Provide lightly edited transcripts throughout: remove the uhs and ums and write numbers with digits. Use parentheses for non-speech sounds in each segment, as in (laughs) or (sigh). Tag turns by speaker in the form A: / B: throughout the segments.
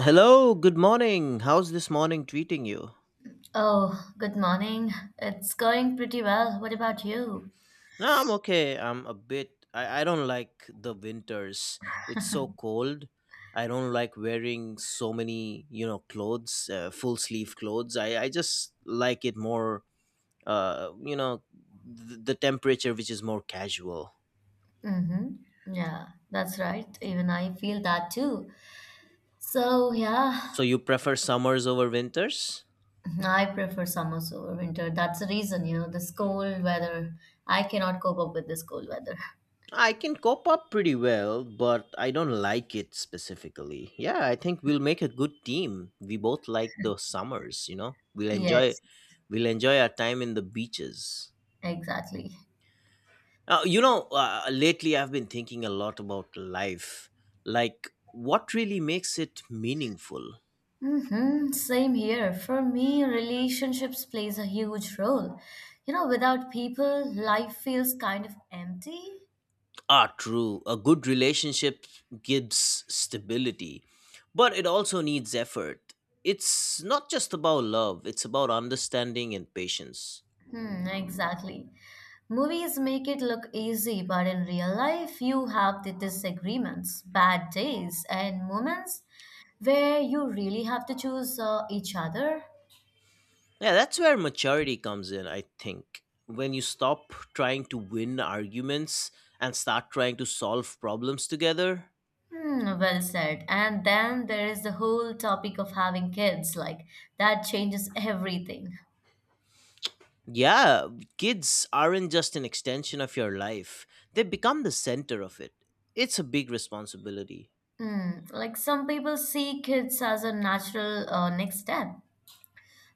A: Hello, good morning. How's this morning treating you?
B: Oh, good morning. It's going pretty well. What about you?
A: No, I'm okay. I'm a bit. I don't like the winters. It's so cold. I don't like wearing so many, clothes, full sleeve clothes. I just like it more, uh, you know, the temperature which is more casual.
B: Mm-hmm. Yeah, that's right. Even I feel that too. So, yeah,
A: So you prefer summers over winters?
B: I prefer summers over winter. That's the reason, this cold weather. I cannot cope up with this cold weather.
A: I can cope up pretty well, but I don't like it specifically. Yeah, I think we'll make a good team. We both like the summers, you know. We'll enjoy
B: Yes,
A: we'll enjoy our time in the beaches.
B: exactly.
A: Lately I've been thinking a lot about life. Like what really makes it meaningful?
B: Mm-hmm. Same here. For me, relationships plays a huge role. Without people, life feels kind of empty.
A: Ah, true. A good relationship gives stability, but it also needs effort. It's not just about love, it's about understanding and patience.
B: Hmm, exactly. Movies make it look easy, but in real life, you have the disagreements, bad days, and moments where you really have to choose each other.
A: Yeah, that's where maturity comes in, I think. When you stop trying to win arguments and start trying to solve problems together.
B: Hmm, well said. And then there is the whole topic of having kids, like that changes everything.
A: Yeah, kids aren't just an extension of your life, they become the center of it. It's a big responsibility.
B: Hmm, like some people see kids as a natural next step,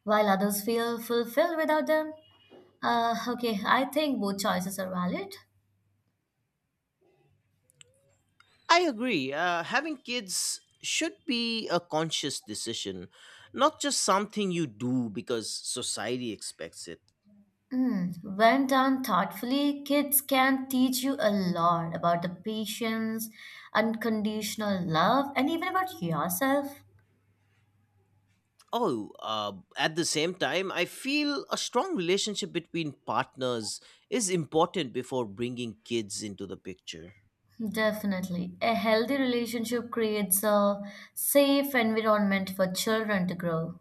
B: while others feel fulfilled without them. Okay, I think both choices are valid.
A: I agree. Having kids should be a conscious decision, not just something you do because society expects it.
B: Mm, when done thoughtfully, kids can teach you a lot about the patience, unconditional love, and even about yourself.
A: Oh, at the same time, I feel a strong relationship between partners is important before bringing kids into the picture.
B: Definitely. A healthy relationship creates a safe environment for children to grow.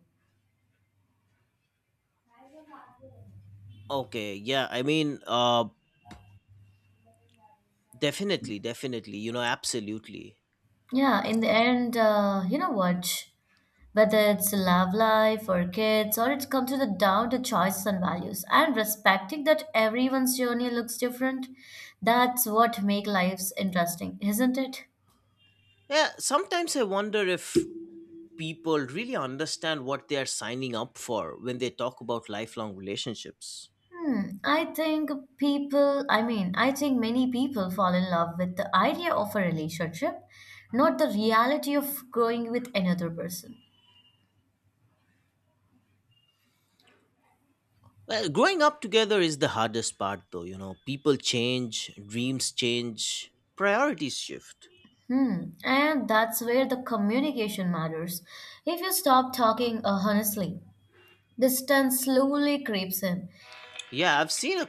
A: Okay, yeah, definitely, absolutely.
B: Yeah, in the end, you know what? Whether it's love life or kids, or it comes to the down to choices and values, and respecting that everyone's journey looks different, that's what make lives interesting, isn't it?
A: Yeah, sometimes I wonder if people really understand what they are signing up for when they talk about lifelong relationships.
B: Hmm, I mean, I think many people fall in love with the idea of a relationship, not the reality of growing with another person.
A: Well, growing up together is the hardest part, though, you know, people change, dreams change, priorities shift.
B: Hmm, and that's where the communication matters. If you stop talking honestly, distance slowly creeps in.
A: Yeah,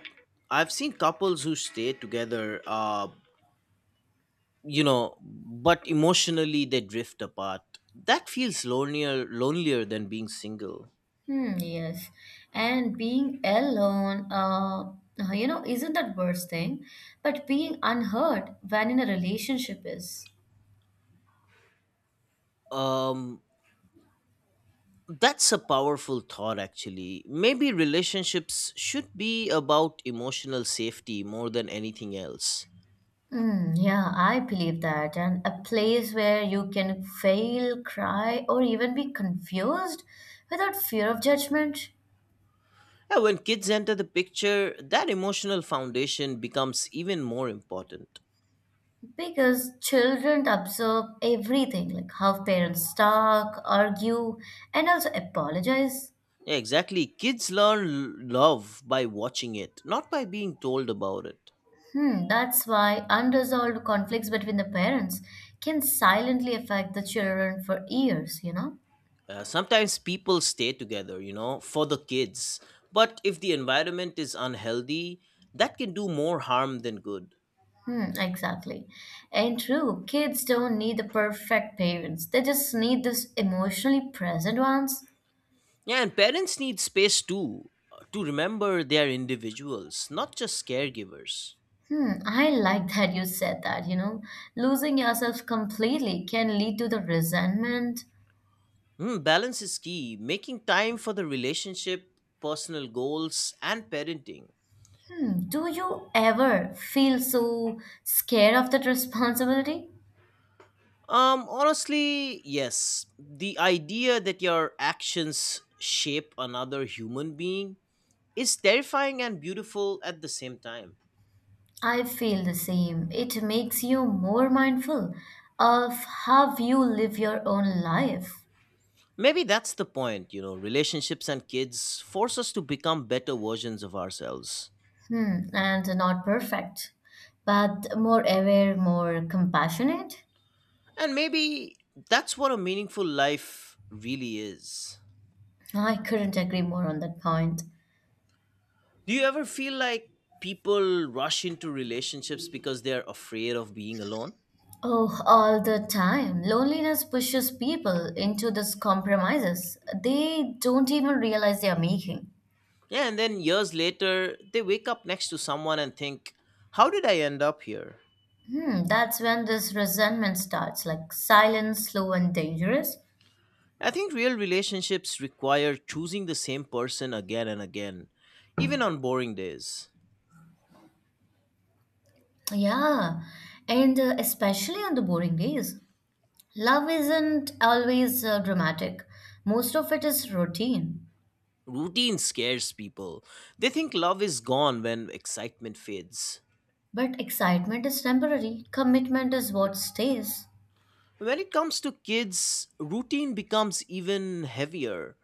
A: I've seen couples who stay together, but emotionally they drift apart. That feels lonelier than being single.
B: Hmm, yes. And being alone, isn't that worst thing, but being unheard when in a relationship is.
A: Um, that's a powerful thought, actually. Maybe relationships should be about emotional safety more than anything else.
B: Mm, yeah, I believe that. And a place where you can fail, cry, or even be confused without fear of judgment.
A: Yeah, when kids enter the picture, that emotional foundation becomes even more important.
B: Because children observe everything, like how parents talk, argue, and also apologize.
A: Yeah, exactly. Kids learn love by watching it, not by being told about it.
B: Hmm, that's why unresolved conflicts between the parents can silently affect the children for years, you know?
A: Sometimes people stay together, you know, for the kids. But if the environment is unhealthy, that can do more harm than good.
B: Hmm, exactly. And true, kids don't need the perfect parents. They just need those emotionally present ones.
A: Yeah, and parents need space too to remember they are individuals, not just caregivers.
B: Hmm, I like that you said that, you know. Losing yourself completely can lead to the resentment.
A: Mm, balance is key, making time for the relationship, personal goals, and parenting.
B: Hmm, do you ever feel so scared of that responsibility?
A: Honestly, yes. The idea that your actions shape another human being is terrifying and beautiful at the same time.
B: I feel the same. It makes you more mindful of how you live your own life.
A: Maybe that's the point, you know. Relationships and kids force us to become better versions of ourselves.
B: Hmm, and not perfect, but more aware, more compassionate.
A: And maybe that's what a meaningful life really is.
B: I couldn't agree more on that point.
A: Do you ever feel like people rush into relationships because they're afraid of being alone?
B: Oh, all the time. Loneliness pushes people into these compromises they don't even realize they are making.
A: Yeah, and then years later, they wake up next to someone and think, how did I end up here?
B: Hmm, that's when this resentment starts, like silent, slow, and dangerous.
A: I think real relationships require choosing the same person again and again, even on boring days.
B: Yeah, and especially on the boring days. Love isn't always dramatic, most of it is routine.
A: Routine scares people. They think love is gone when excitement fades.
B: But excitement is temporary, commitment is what stays.
A: When it comes to kids, routine becomes even heavier.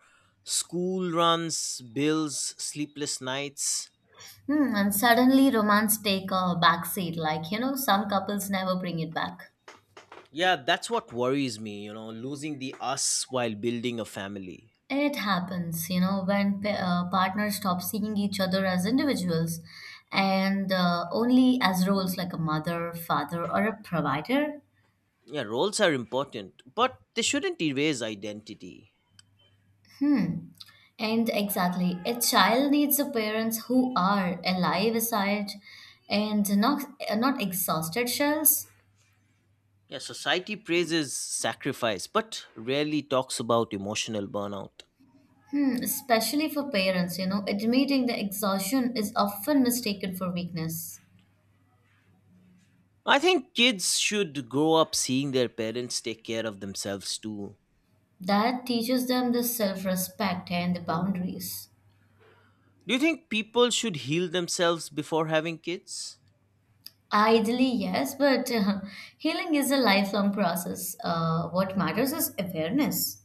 A: School runs, bills, sleepless nights.
B: Hmm, and suddenly romance take a backseat, like, some couples never bring it back.
A: Yeah, that's what worries me, you know, losing the us while building a family.
B: It happens, you know, when partners stop seeing each other as individuals and only as roles like a mother, father, or a provider.
A: Yeah, roles are important, but they shouldn't erase identity.
B: Hmm. And exactly, a child needs a parents who are alive aside and not exhausted shells.
A: Yeah, society praises sacrifice, but rarely talks about emotional burnout.
B: Hmm, especially for parents, you know, admitting the exhaustion is often mistaken for weakness.
A: I think kids should grow up seeing their parents take care of themselves too.
B: That teaches them the self respect and the boundaries.
A: Do you think people should heal themselves before having kids?
B: Ideally, yes, but (laughs) healing is a lifelong process. What matters is awareness.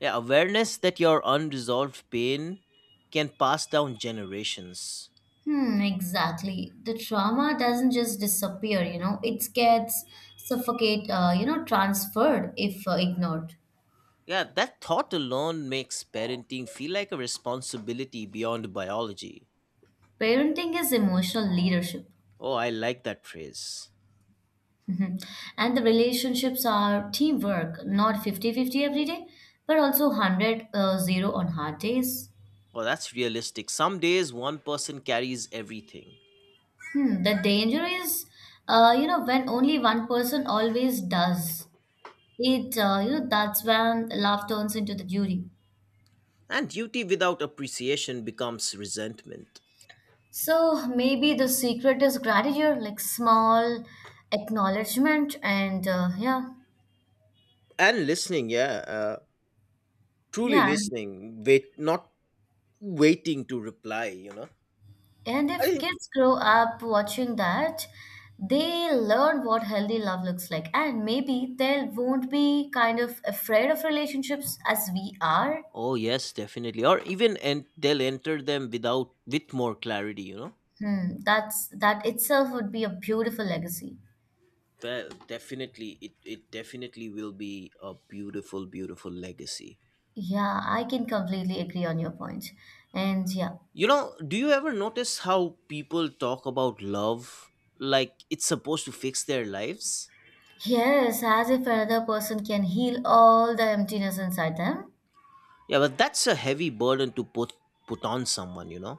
A: Yeah, awareness that your unresolved pain can pass down generations.
B: Hmm, exactly. The trauma doesn't just disappear, you know, it gets suffocate, transferred if ignored.
A: Yeah, that thought alone makes parenting feel like a responsibility beyond biology.
B: Parenting is emotional leadership.
A: Oh, I like that phrase.
B: Mhm. And the relationships are teamwork, not 50 50 every day, but also 100 0 on hard days.
A: Oh, that's realistic. Some days one person carries everything.
B: Hmm. The danger is, when only one person always does it, that's when love turns into the duty.
A: And duty without appreciation becomes resentment.
B: So maybe the secret is gratitude, like small acknowledgement, and yeah,
A: And listening, yeah, truly
B: yeah.
A: listening, wait, not waiting to reply, you know.
B: And
A: I
B: if
A: think,
B: kids grow up watching that, they learn what healthy love looks like. And maybe they won't be kind of afraid of relationships as we are.
A: oh, yes, definitely. Or even and they'll enter them without, with more clarity, you know.
B: Hmm, that itself would be a beautiful legacy.
A: Well, definitely, it definitely will be a beautiful legacy.
B: Yeah, I can completely agree on your point. And yeah.
A: You know, do you ever notice how people talk about love like it's supposed to fix their lives?
B: Yes, as if another person can heal all the emptiness inside them.
A: Yeah, but that's a heavy burden to put on someone, you know.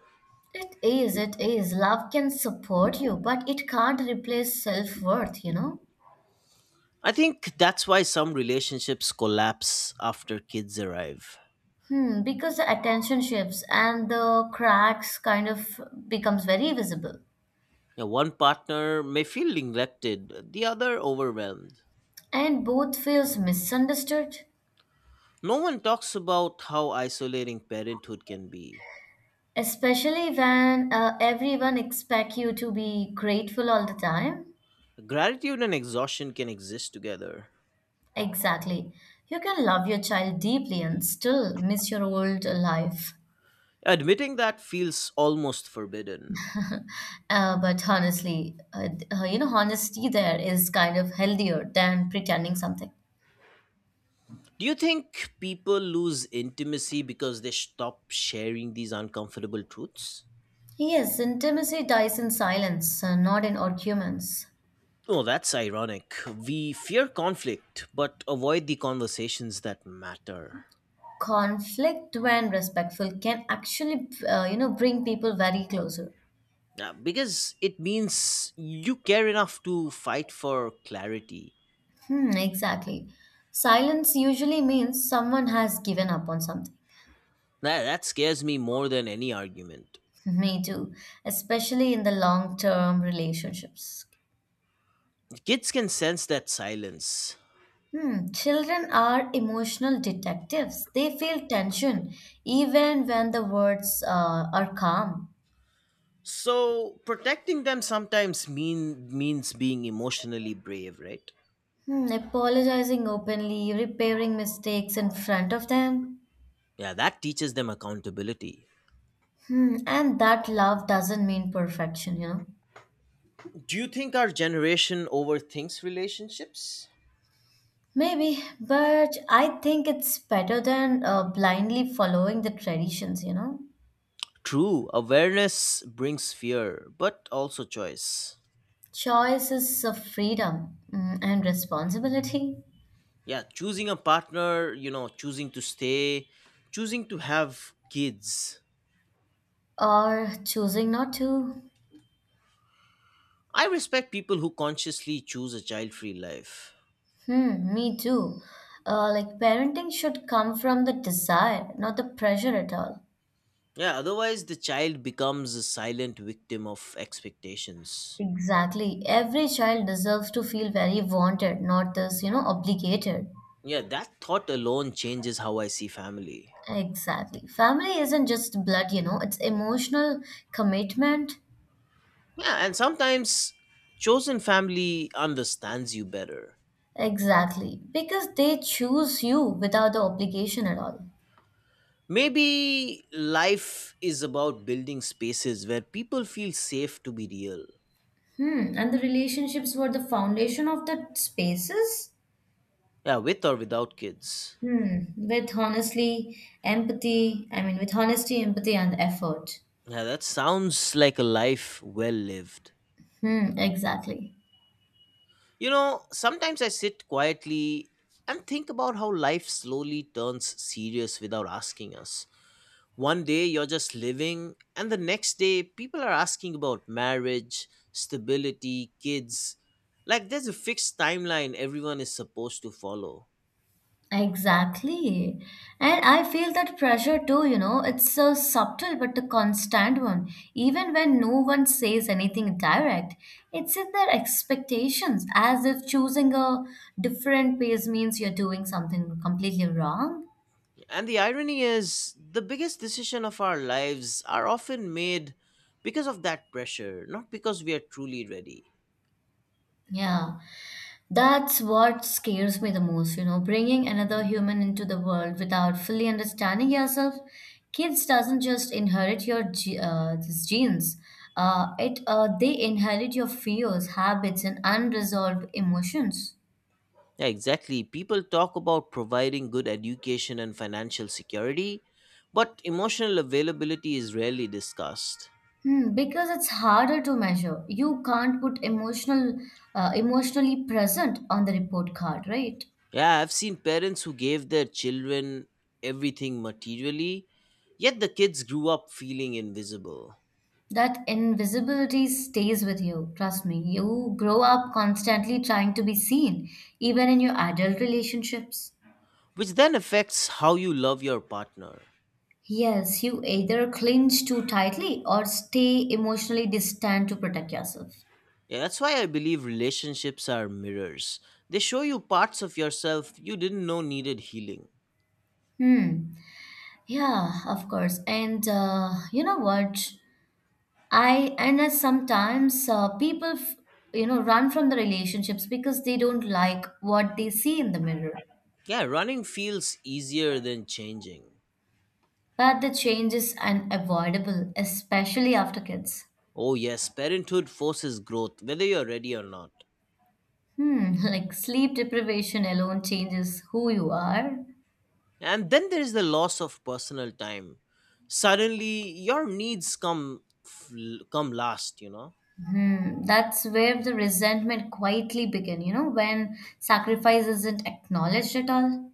B: It is, it is. Love can support you, but it can't replace self-worth, you know?
A: I think that's why some relationships collapse after kids arrive.
B: Hmm, because the attention shifts and the cracks kind of becomes very visible,
A: Yeah, one partner may feel neglected, the other overwhelmed.
B: and both feels misunderstood,
A: No one talks about how isolating parenthood can be.
B: especially when everyone expect you to be grateful all the time.
A: Gratitude and exhaustion can exist together.
B: Exactly, you can love your child deeply and still miss your old life.
A: Admitting that feels almost forbidden.
B: But honestly, honesty there is kind of healthier than pretending something.
A: Do you think people lose intimacy because they stop sharing these uncomfortable truths?
B: Yes, intimacy dies in silence, not in arguments.
A: Oh, that's ironic. We fear conflict but avoid the conversations that matter.
B: Conflict when respectful can actually bring people very closer.
A: Yeah, because it means you care enough to fight for clarity.
B: Hmm, exactly. Silence usually means someone has given up on something.
A: That scares me more than any argument.
B: (laughs) Me too, especially in the long term relationships.
A: Kids can sense that silence.
B: Hmm, children are emotional detectives. They feel tension even when the words are calm.
A: So protecting them sometimes means being emotionally brave, right?
B: Hmm, apologizing openly, repairing mistakes in front of them.
A: Yeah, that teaches them accountability.
B: Hmm, and that love doesn't mean perfection, you know.
A: Do you think our generation overthinks relationships?
B: Maybe, but I think it's better than blindly following the traditions, you know?
A: True, awareness brings fear, but also choice.
B: Choice is a freedom, and responsibility,
A: Yeah, choosing a partner, you know, choosing to stay, choosing to have kids.
B: or choosing not to.
A: I respect people who consciously choose a child free life.
B: Hmm, me too. Like parenting should come from the desire, not the pressure at all.
A: Yeah, otherwise, the child becomes a silent victim of expectations.
B: Exactly. Every child deserves to feel very wanted, not this, you know, obligated.
A: Yeah, that thought alone changes how I see family.
B: Exactly. Family isn't just blood, you know, it's emotional commitment.
A: Yeah, and sometimes chosen family understands you better.
B: Exactly, because they choose you without the obligation at all.
A: Maybe life is about building spaces where people feel safe to be real.
B: Hmm, and the relationships were the foundation of the spaces?
A: Yeah, with or without kids.
B: Hmm, I mean, with honesty, empathy, and effort.
A: Yeah, that sounds like a life well lived.
B: Hmm, exactly.
A: You know, sometimes I sit quietly and think about how life slowly turns serious without asking us. One day you're just living, and the next day people are asking about marriage, stability, kids. Like there's a fixed timeline everyone is supposed to follow.
B: Exactly. And I feel that pressure too, you know, it's so subtle but a constant one. Even when no one says anything direct, it's in their expectations, as if choosing a different pace means you're doing something completely wrong.
A: And the irony is, the biggest decision of our lives are often made because of that pressure, not because we are truly ready.
B: Yeah. That's what scares me the most, you know, bringing another human into the world without fully understanding yourself. Kids doesn't just inherit these genes. It they inherit your fears, habits, and unresolved emotions.
A: Yeah, exactly. People talk about providing good education and financial security, but emotional availability is rarely discussed.
B: Hmm, because it's harder to measure. You can't put emotionally present on the report card, right?
A: Yeah, I've seen parents who gave their children everything materially, yet the kids grew up feeling invisible,
B: That invisibility stays with you, trust me. You grow up constantly trying to be seen, even in your adult relationships.
A: which then affects how you love your partner.
B: Yes, you either clinch too tightly or stay emotionally distant to protect yourself.
A: Yeah, that's why I believe relationships are mirrors. They show you parts of yourself you didn't know needed healing.
B: Hmm. Yeah, of course. And you know what? I and as sometimes people, run from the relationships because they don't like what they see in the mirror.
A: Yeah, running feels easier than changing.
B: But the change is unavoidable, especially after kids.
A: Oh, yes, parenthood forces growth, whether you're ready or not.
B: Hmm, (laughs) like sleep deprivation alone changes who you are.
A: And then there is the loss of personal time. Suddenly, your needs come last, you know.
B: Hmm, that's where the resentment quietly begin, you know, when sacrifice isn't acknowledged at all.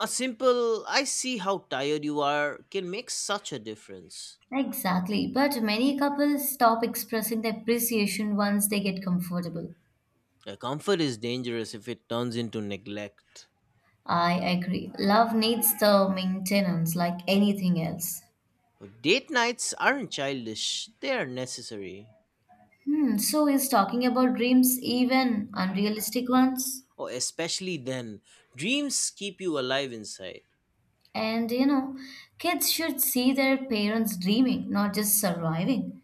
A: A simple I see how tired you are can make such a difference.
B: Exactly, but many couples stop expressing their appreciation once they get comfortable.
A: Comfort is dangerous if it turns into neglect.
B: I agree. Love needs the maintenance like anything else.
A: Well, date nights aren't childish, they are necessary.
B: Hmm, so is talking about dreams even unrealistic ones?
A: Oh, especially then, dreams keep you alive inside.
B: And kids should see their parents dreaming, not just surviving.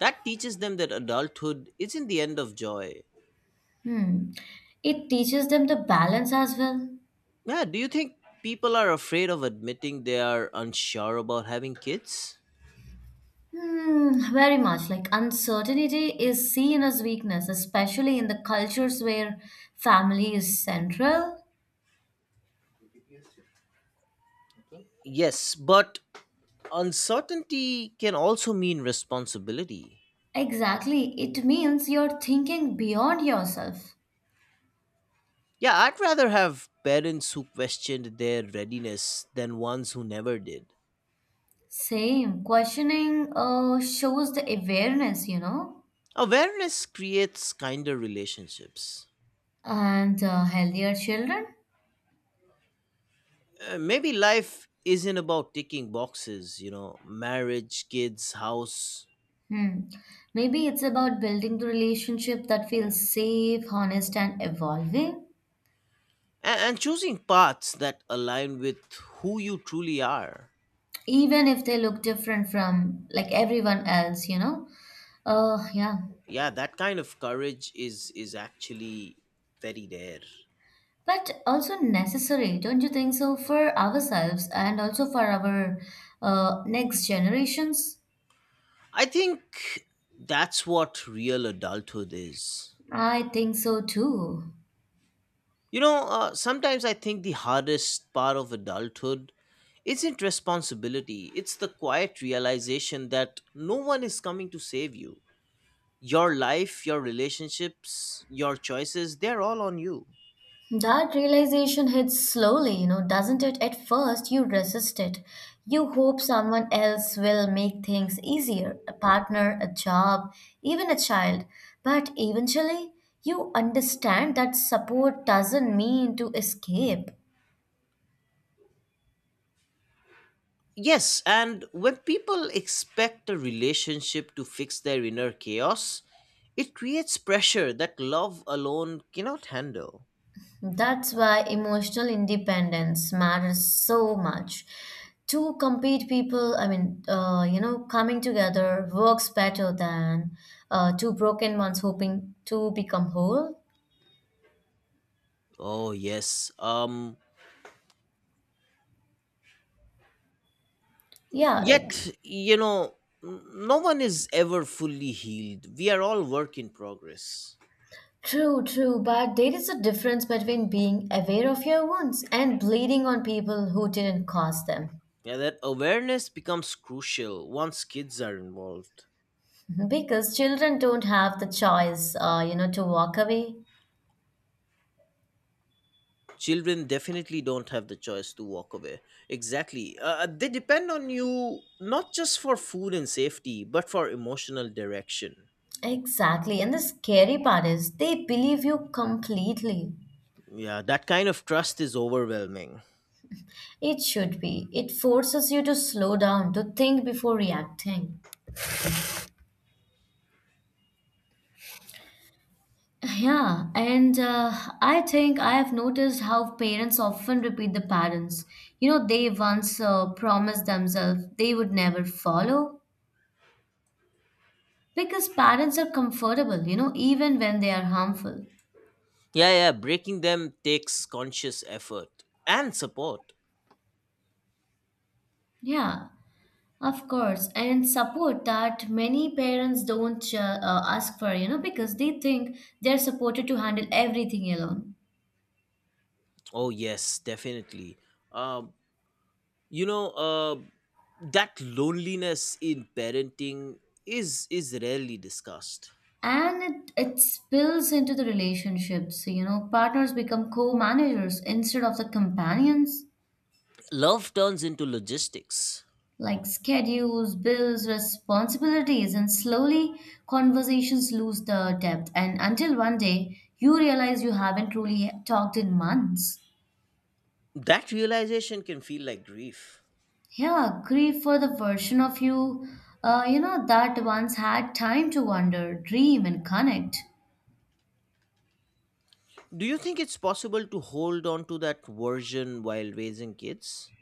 A: That teaches them that adulthood isn't the end of joy.
B: Hmm. It teaches them the balance as well.
A: Yeah, do you think people are afraid of admitting they are unsure about having kids?
B: Hmm, very much. Like uncertainty is seen as weakness, especially in the cultures where family is central.
A: Yes, but uncertainty can also mean responsibility.
B: Exactly. It means you're thinking beyond yourself.
A: Yeah, I'd rather have parents who questioned their readiness than ones who never did.
B: Same. Questioning shows the awareness, you know,
A: Awareness creates kinder relationships.
B: and healthier children.
A: Maybe life isn't about ticking boxes, you know, marriage, kids, house,
B: Hmm. Maybe it's about building the relationship that feels safe, honest, and evolving,
A: and choosing paths that align with who you truly are.
B: even if they look different from like everyone else, you know? Yeah.
A: Yeah, that kind of courage is actually very rare.
B: But also necessary, don't you think so, for ourselves and also for our next generations?
A: I think that's what real adulthood is.
B: I think so too.
A: You know, sometimes I think the hardest part of adulthood isn't responsibility. It's the quiet realization that no one is coming to save you your life, your relationships, your choices, they're all on you.
B: That realization hits slowly, you know, doesn't it? At first, you resist it. You hope someone else will make things easier, a partner, a job, even a child. But eventually, you understand that support doesn't mean to escape.
A: Yes, and when people expect a relationship to fix their inner chaos, it creates pressure that love alone cannot handle.
B: That's why emotional independence matters so much. Two complete people, I mean, coming together works better than two broken ones hoping to become whole.
A: Oh, yes.
B: Yeah, like
A: Yet, you know, no one is ever fully healed. We are all work in progress.
B: true, true, but there is a difference between being aware of your wounds and bleeding on people who didn't cause them.
A: Yeah, that awareness becomes crucial once kids are involved.
B: Mm-hmm. Because children don't have the choice, to walk away.
A: Children definitely don't have the choice to walk away exactly, they depend on you not just for food and safety but for emotional direction.
B: Exactly. And the scary part is they believe you completely.
A: Yeah, that kind of trust is overwhelming.
B: It should be. It forces you to slow down, to think before reacting. Yeah, and I think I have noticed how parents often repeat the patterns. You know, they once promised themselves they would never follow because parents are comfortable, you know, even when they are harmful.
A: Yeah, breaking them takes conscious effort and support.
B: Yeah, of course. And support that many parents don't ask for, you know, because they think they're supported to handle everything alone.
A: Oh, yes, definitely. um you know, that loneliness in parenting is rarely discussed.
B: And it spills into the relationships. So, you know, partners become co-managers instead of the companions,
A: Love turns into logistics.
B: like schedules, bills, responsibilities, and slowly conversations lose the depth, and until one day you realize you haven't truly talked in months.
A: That realization can feel like grief.
B: Yeah, grief for the version of you you know, that once had time to wonder, dream, and connect.
A: Do you think it's possible to hold on to that version while raising kids?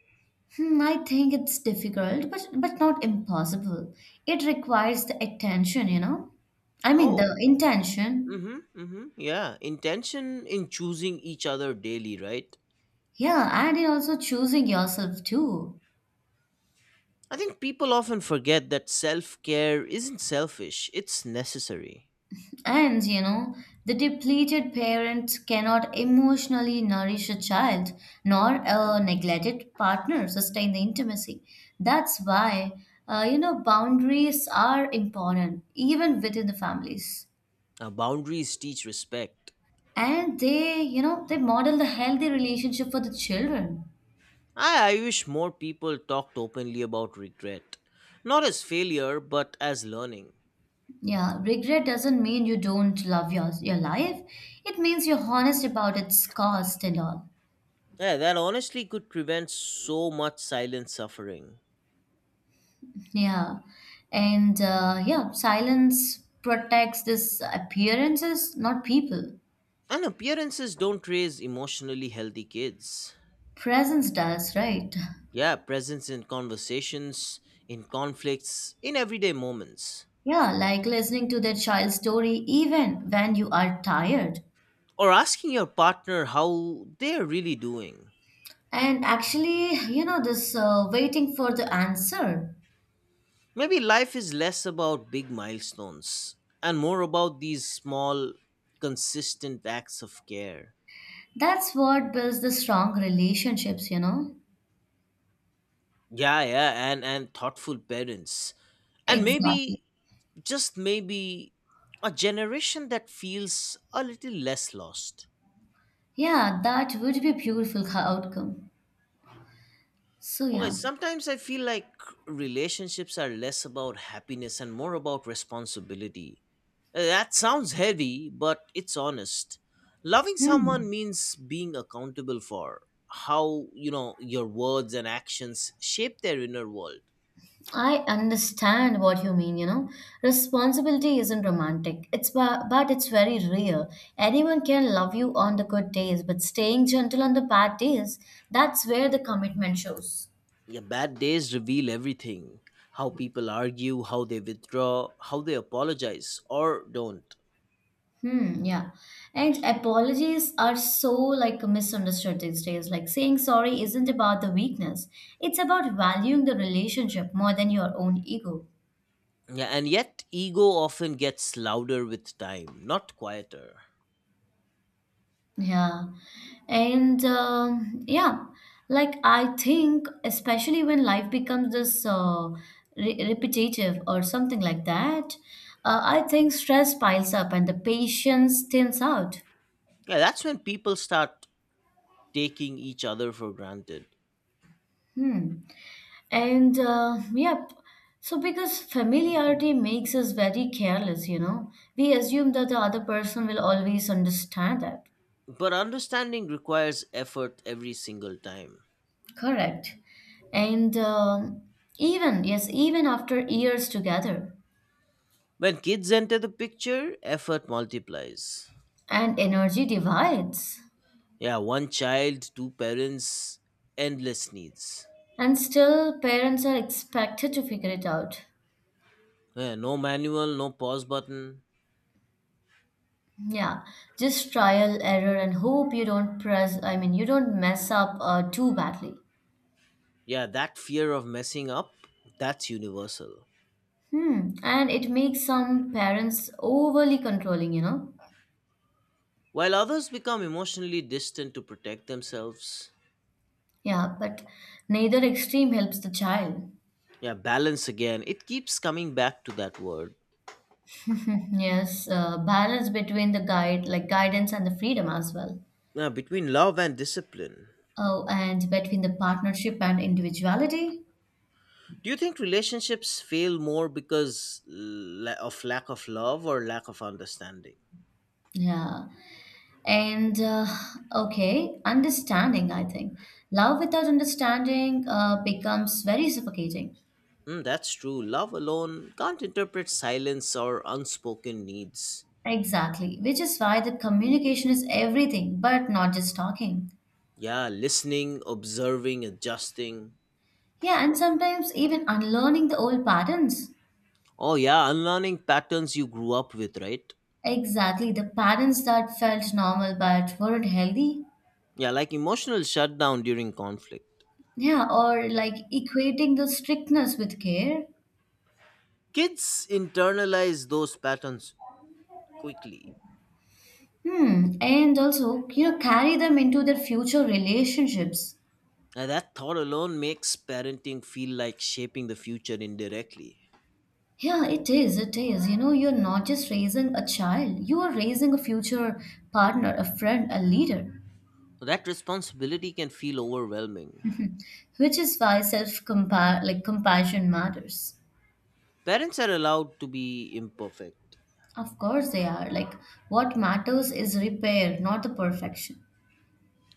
B: Hmm, I think it's difficult, but not impossible. It requires the attention, you know. I mean
A: Oh,
B: the intention.
A: mm-hmm. Yeah, intention in choosing each other daily, right?
B: Yeah, and it also choosing yourself too.
A: I think people often forget that self care isn't selfish, it's necessary.
B: And you know, the depleted parents cannot emotionally nourish a child, nor a neglected partner sustain the intimacy. That's why, you know, boundaries are important even within the families,
A: Boundaries teach respect.
B: and they, you know, they model the healthy relationship for the children.
A: I wish more people talked openly about regret, not as failure, but as learning.
B: Yeah, regret doesn't mean you don't love your life. It means you're honest about its cost and all.
A: Yeah, that honestly could prevent so much silent suffering.
B: Yeah. And yeah, silence protects this appearances, not people.
A: And appearances don't raise emotionally healthy kids.
B: Presence does, right?
A: Yeah, presence in conversations, in conflicts, in everyday moments.
B: Yeah, like listening to their child's story even when you are tired.
A: Or asking your partner how they're really doing.
B: And actually, you know, this waiting for the answer.
A: Maybe life is less about big milestones and more about these small, consistent acts of care.
B: That's what builds the strong relationships, you know?
A: Yeah, and thoughtful parents. And
B: Exactly.
A: maybe, just maybe, a generation that feels a little less lost.
B: Yeah, that would be beautiful outcome. So
A: Okay,
B: yeah.
A: sometimes I feel like relationships are less about happiness and more about responsibility. That sounds heavy, but it's honest. Loving someone
B: Hmm.
A: means being accountable for how, you know, your words and actions shape their inner world.
B: I understand what you mean, you know. Responsibility isn't romantic. It's but it's very real. Anyone can love you on the good days, but staying gentle on the bad days, that's where the commitment shows.
A: Your bad days reveal everything. How people argue, how they withdraw, how they apologize or don't.
B: Hmm, yeah. And apologies are so like misunderstood these days. Like saying sorry isn't about the weakness. It's about valuing the relationship more than your own ego.
A: Yeah, and yet ego often gets louder with time, not quieter.
B: Yeah. And yeah, like I think, especially when life becomes this repetitive or something like that, I think stress piles up and the patience thins out.
A: Yeah, that's when people start taking each other for granted.
B: Hmm. And yep. So because familiarity makes us very careless, you know, we assume that the other person will always understand that.
A: But understanding requires effort every single time.
B: Correct. And um, even, yes, even after years together.
A: When kids enter the picture, effort multiplies.
B: And energy divides.
A: Yeah, one child, two parents, endless needs.
B: And still, parents are expected to figure it out.
A: Yeah, no manual, no pause button.
B: Yeah, just trial, error, and hope you don't press, I mean, you don't mess up too badly.
A: Yeah, that fear of messing up, that's universal.
B: Hmm, and it makes some parents overly controlling, you know?
A: While others become emotionally distant to protect themselves.
B: Yeah, but neither extreme helps the child.
A: Yeah, balance again. It keeps coming back to that word.
B: (laughs) Yes, balance between the guide, like guidance and the freedom as well.
A: Yeah, between love and discipline.
B: Oh, and between the partnership and individuality.
A: Do you think relationships fail more because of lack of love or lack of understanding?
B: Yeah. And okay, understanding, I think. Love without understanding becomes very suffocating.
A: Mm, that's true. Love alone can't interpret silence or unspoken needs.
B: Exactly, which is why the communication is everything, but not just talking.
A: Yeah, listening, observing, adjusting.
B: Yeah, and sometimes even unlearning the old patterns.
A: Oh, yeah, unlearning patterns you grew up with, right?
B: Exactly, the patterns that felt normal but weren't healthy.
A: Yeah, like emotional shutdown during conflict.
B: Yeah, or like equating the strictness with care.
A: Kids internalize those patterns quickly.
B: Hmm, and also, you know, carry them into their future relationships.
A: And that thought alone makes parenting feel like shaping the future indirectly.
B: Yeah, it is. It is. You know, you're not just raising a child, you are raising a future partner, a friend, a leader,
A: So that responsibility can feel overwhelming.
B: which is why self compare like compassion matters.
A: Parents are allowed to be imperfect.
B: Of course they are. Like what matters is repair, not the perfection.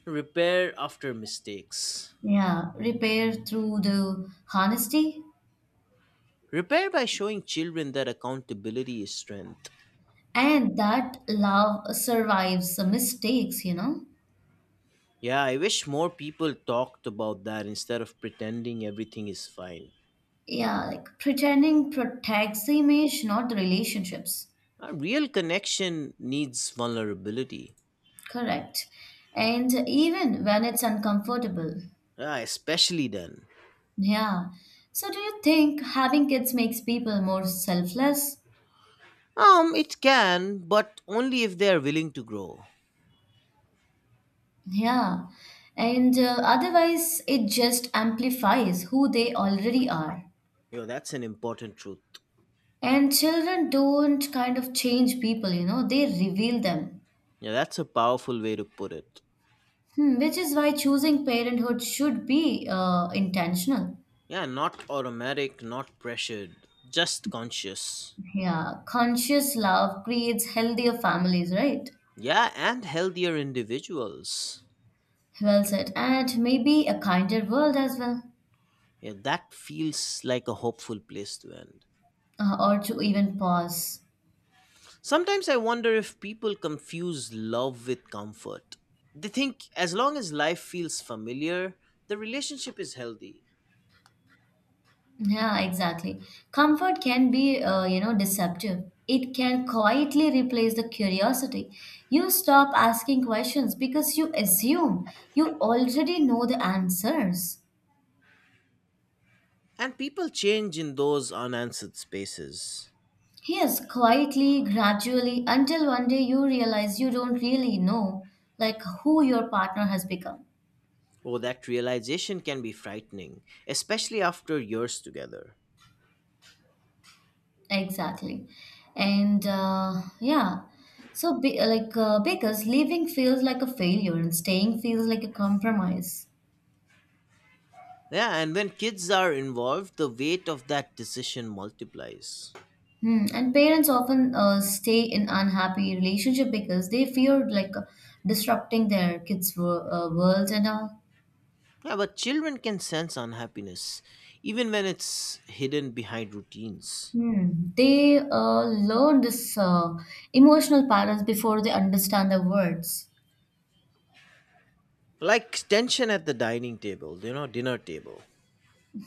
A: Repair after mistakes.
B: Yeah, repair through the honesty,
A: Repair by showing children that accountability is strength.
B: and that love survives the mistakes, you know?
A: Yeah, I wish more people talked about that instead of pretending everything is fine.
B: Yeah, like pretending protects the image, not the relationships.
A: A real connection needs vulnerability.
B: Correct. And even when it's uncomfortable.
A: Yeah, especially then.
B: Yeah. So do you think having kids makes people more selfless?
A: It can, but only if they are willing to grow.
B: Yeah. And otherwise, it just amplifies who they already are.
A: Yo, that's an important truth.
B: And children don't kind of change people, you know, they reveal them.
A: Yeah, that's a powerful way to put it.
B: Hmm, which is why choosing parenthood should be intentional.
A: Yeah, not automatic, not pressured, just conscious.
B: Yeah, conscious love creates healthier families, right?
A: Yeah, and healthier individuals.
B: Well said. And maybe a kinder world as well,
A: Yeah, that feels like a hopeful place to end.
B: or to even pause.
A: Sometimes I wonder if people confuse love with comfort. They think as long as life feels familiar, the relationship is healthy.
B: Yeah, exactly. Comfort can be, you know, deceptive. It can quietly replace the curiosity. You stop asking questions because you assume you already know the answers.
A: And people change in those unanswered spaces.
B: Yes, quietly, gradually, until one day you realize you don't really know, like, who your partner has become.
A: Oh, that realization can be frightening, especially after years together.
B: Exactly. And yeah, so be, like because leaving feels like a failure and staying feels like a compromise.
A: Yeah, and when kids are involved, the weight of that decision multiplies.
B: Hmm. And parents often stay in unhappy relationship because they fear like disrupting their kids' worlds and all.
A: Yeah, but children can sense unhappiness, even when it's hidden behind routines.
B: Hmm. They learn this emotional patterns before they understand the words.
A: Like tension at the dining table, you know, dinner table.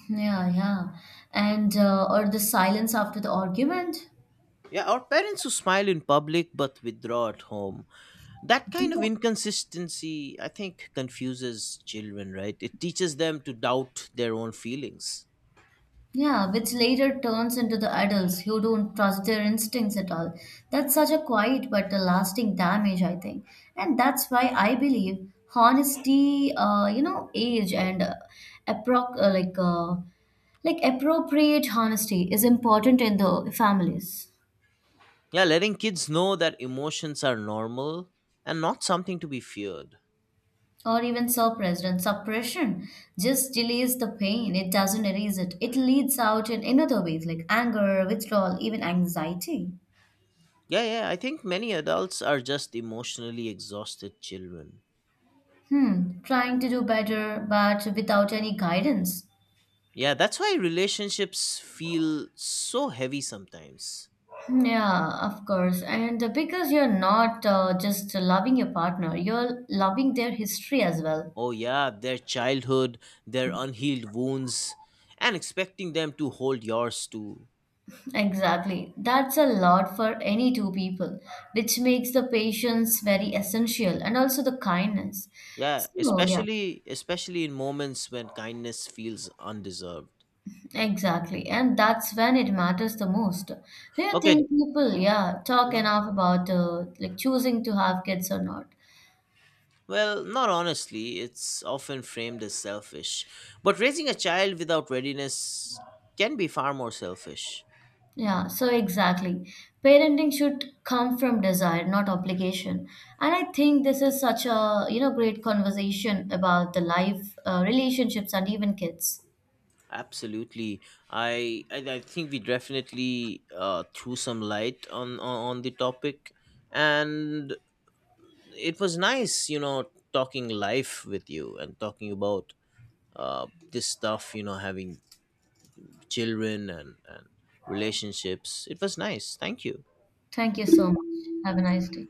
B: Yeah, yeah. And or the silence after the argument.
A: Yeah, or parents who smile in public but withdraw at home. That kind of inconsistency, I think, confuses children, right? It teaches them to doubt their own feelings.
B: Yeah, which later turns into the adults who don't trust their instincts at all. That's such a quiet but a lasting damage, I think. And that's why I believe honesty, you know, age and appro- uh, like uh, like appropriate honesty is important in the families.
A: Yeah, letting kids know that emotions are normal and not something to be feared.
B: Or even suppressed, and suppression just delays the pain. It doesn't erase it. It leads out in another ways like anger, withdrawal, even anxiety.
A: Yeah. I think many adults are just emotionally exhausted children.
B: Hmm, trying to do better, but without any guidance.
A: Yeah, that's why relationships feel so heavy sometimes.
B: Yeah, of course. And because you're not just loving your partner, you're loving their history as well.
A: Oh, yeah, their childhood, their unhealed wounds, and expecting them to hold yours too.
B: Exactly. That's a lot for any two people, which makes the patience very essential and also the kindness.
A: Yeah,
B: So, yeah,
A: especially in moments when kindness feels undeserved.
B: exactly. And that's when it matters the most. Do you
A: Okay,
B: think people, yeah, talk
A: mm,
B: enough about like choosing to have kids or not?
A: well, not honestly, it's often framed as selfish. But raising a child without readiness can be far more selfish.
B: Yeah, so exactly. Parenting should come from desire, not obligation. And I think this is such a, you know, great conversation about the life, relationships, and even kids.
A: Absolutely, I think we definitely threw some light on, on the topic, and it was nice, you know, talking life with you and talking about this stuff, you know, having children and relationships. It was nice. Thank you.
B: Thank you so much. Have a nice day.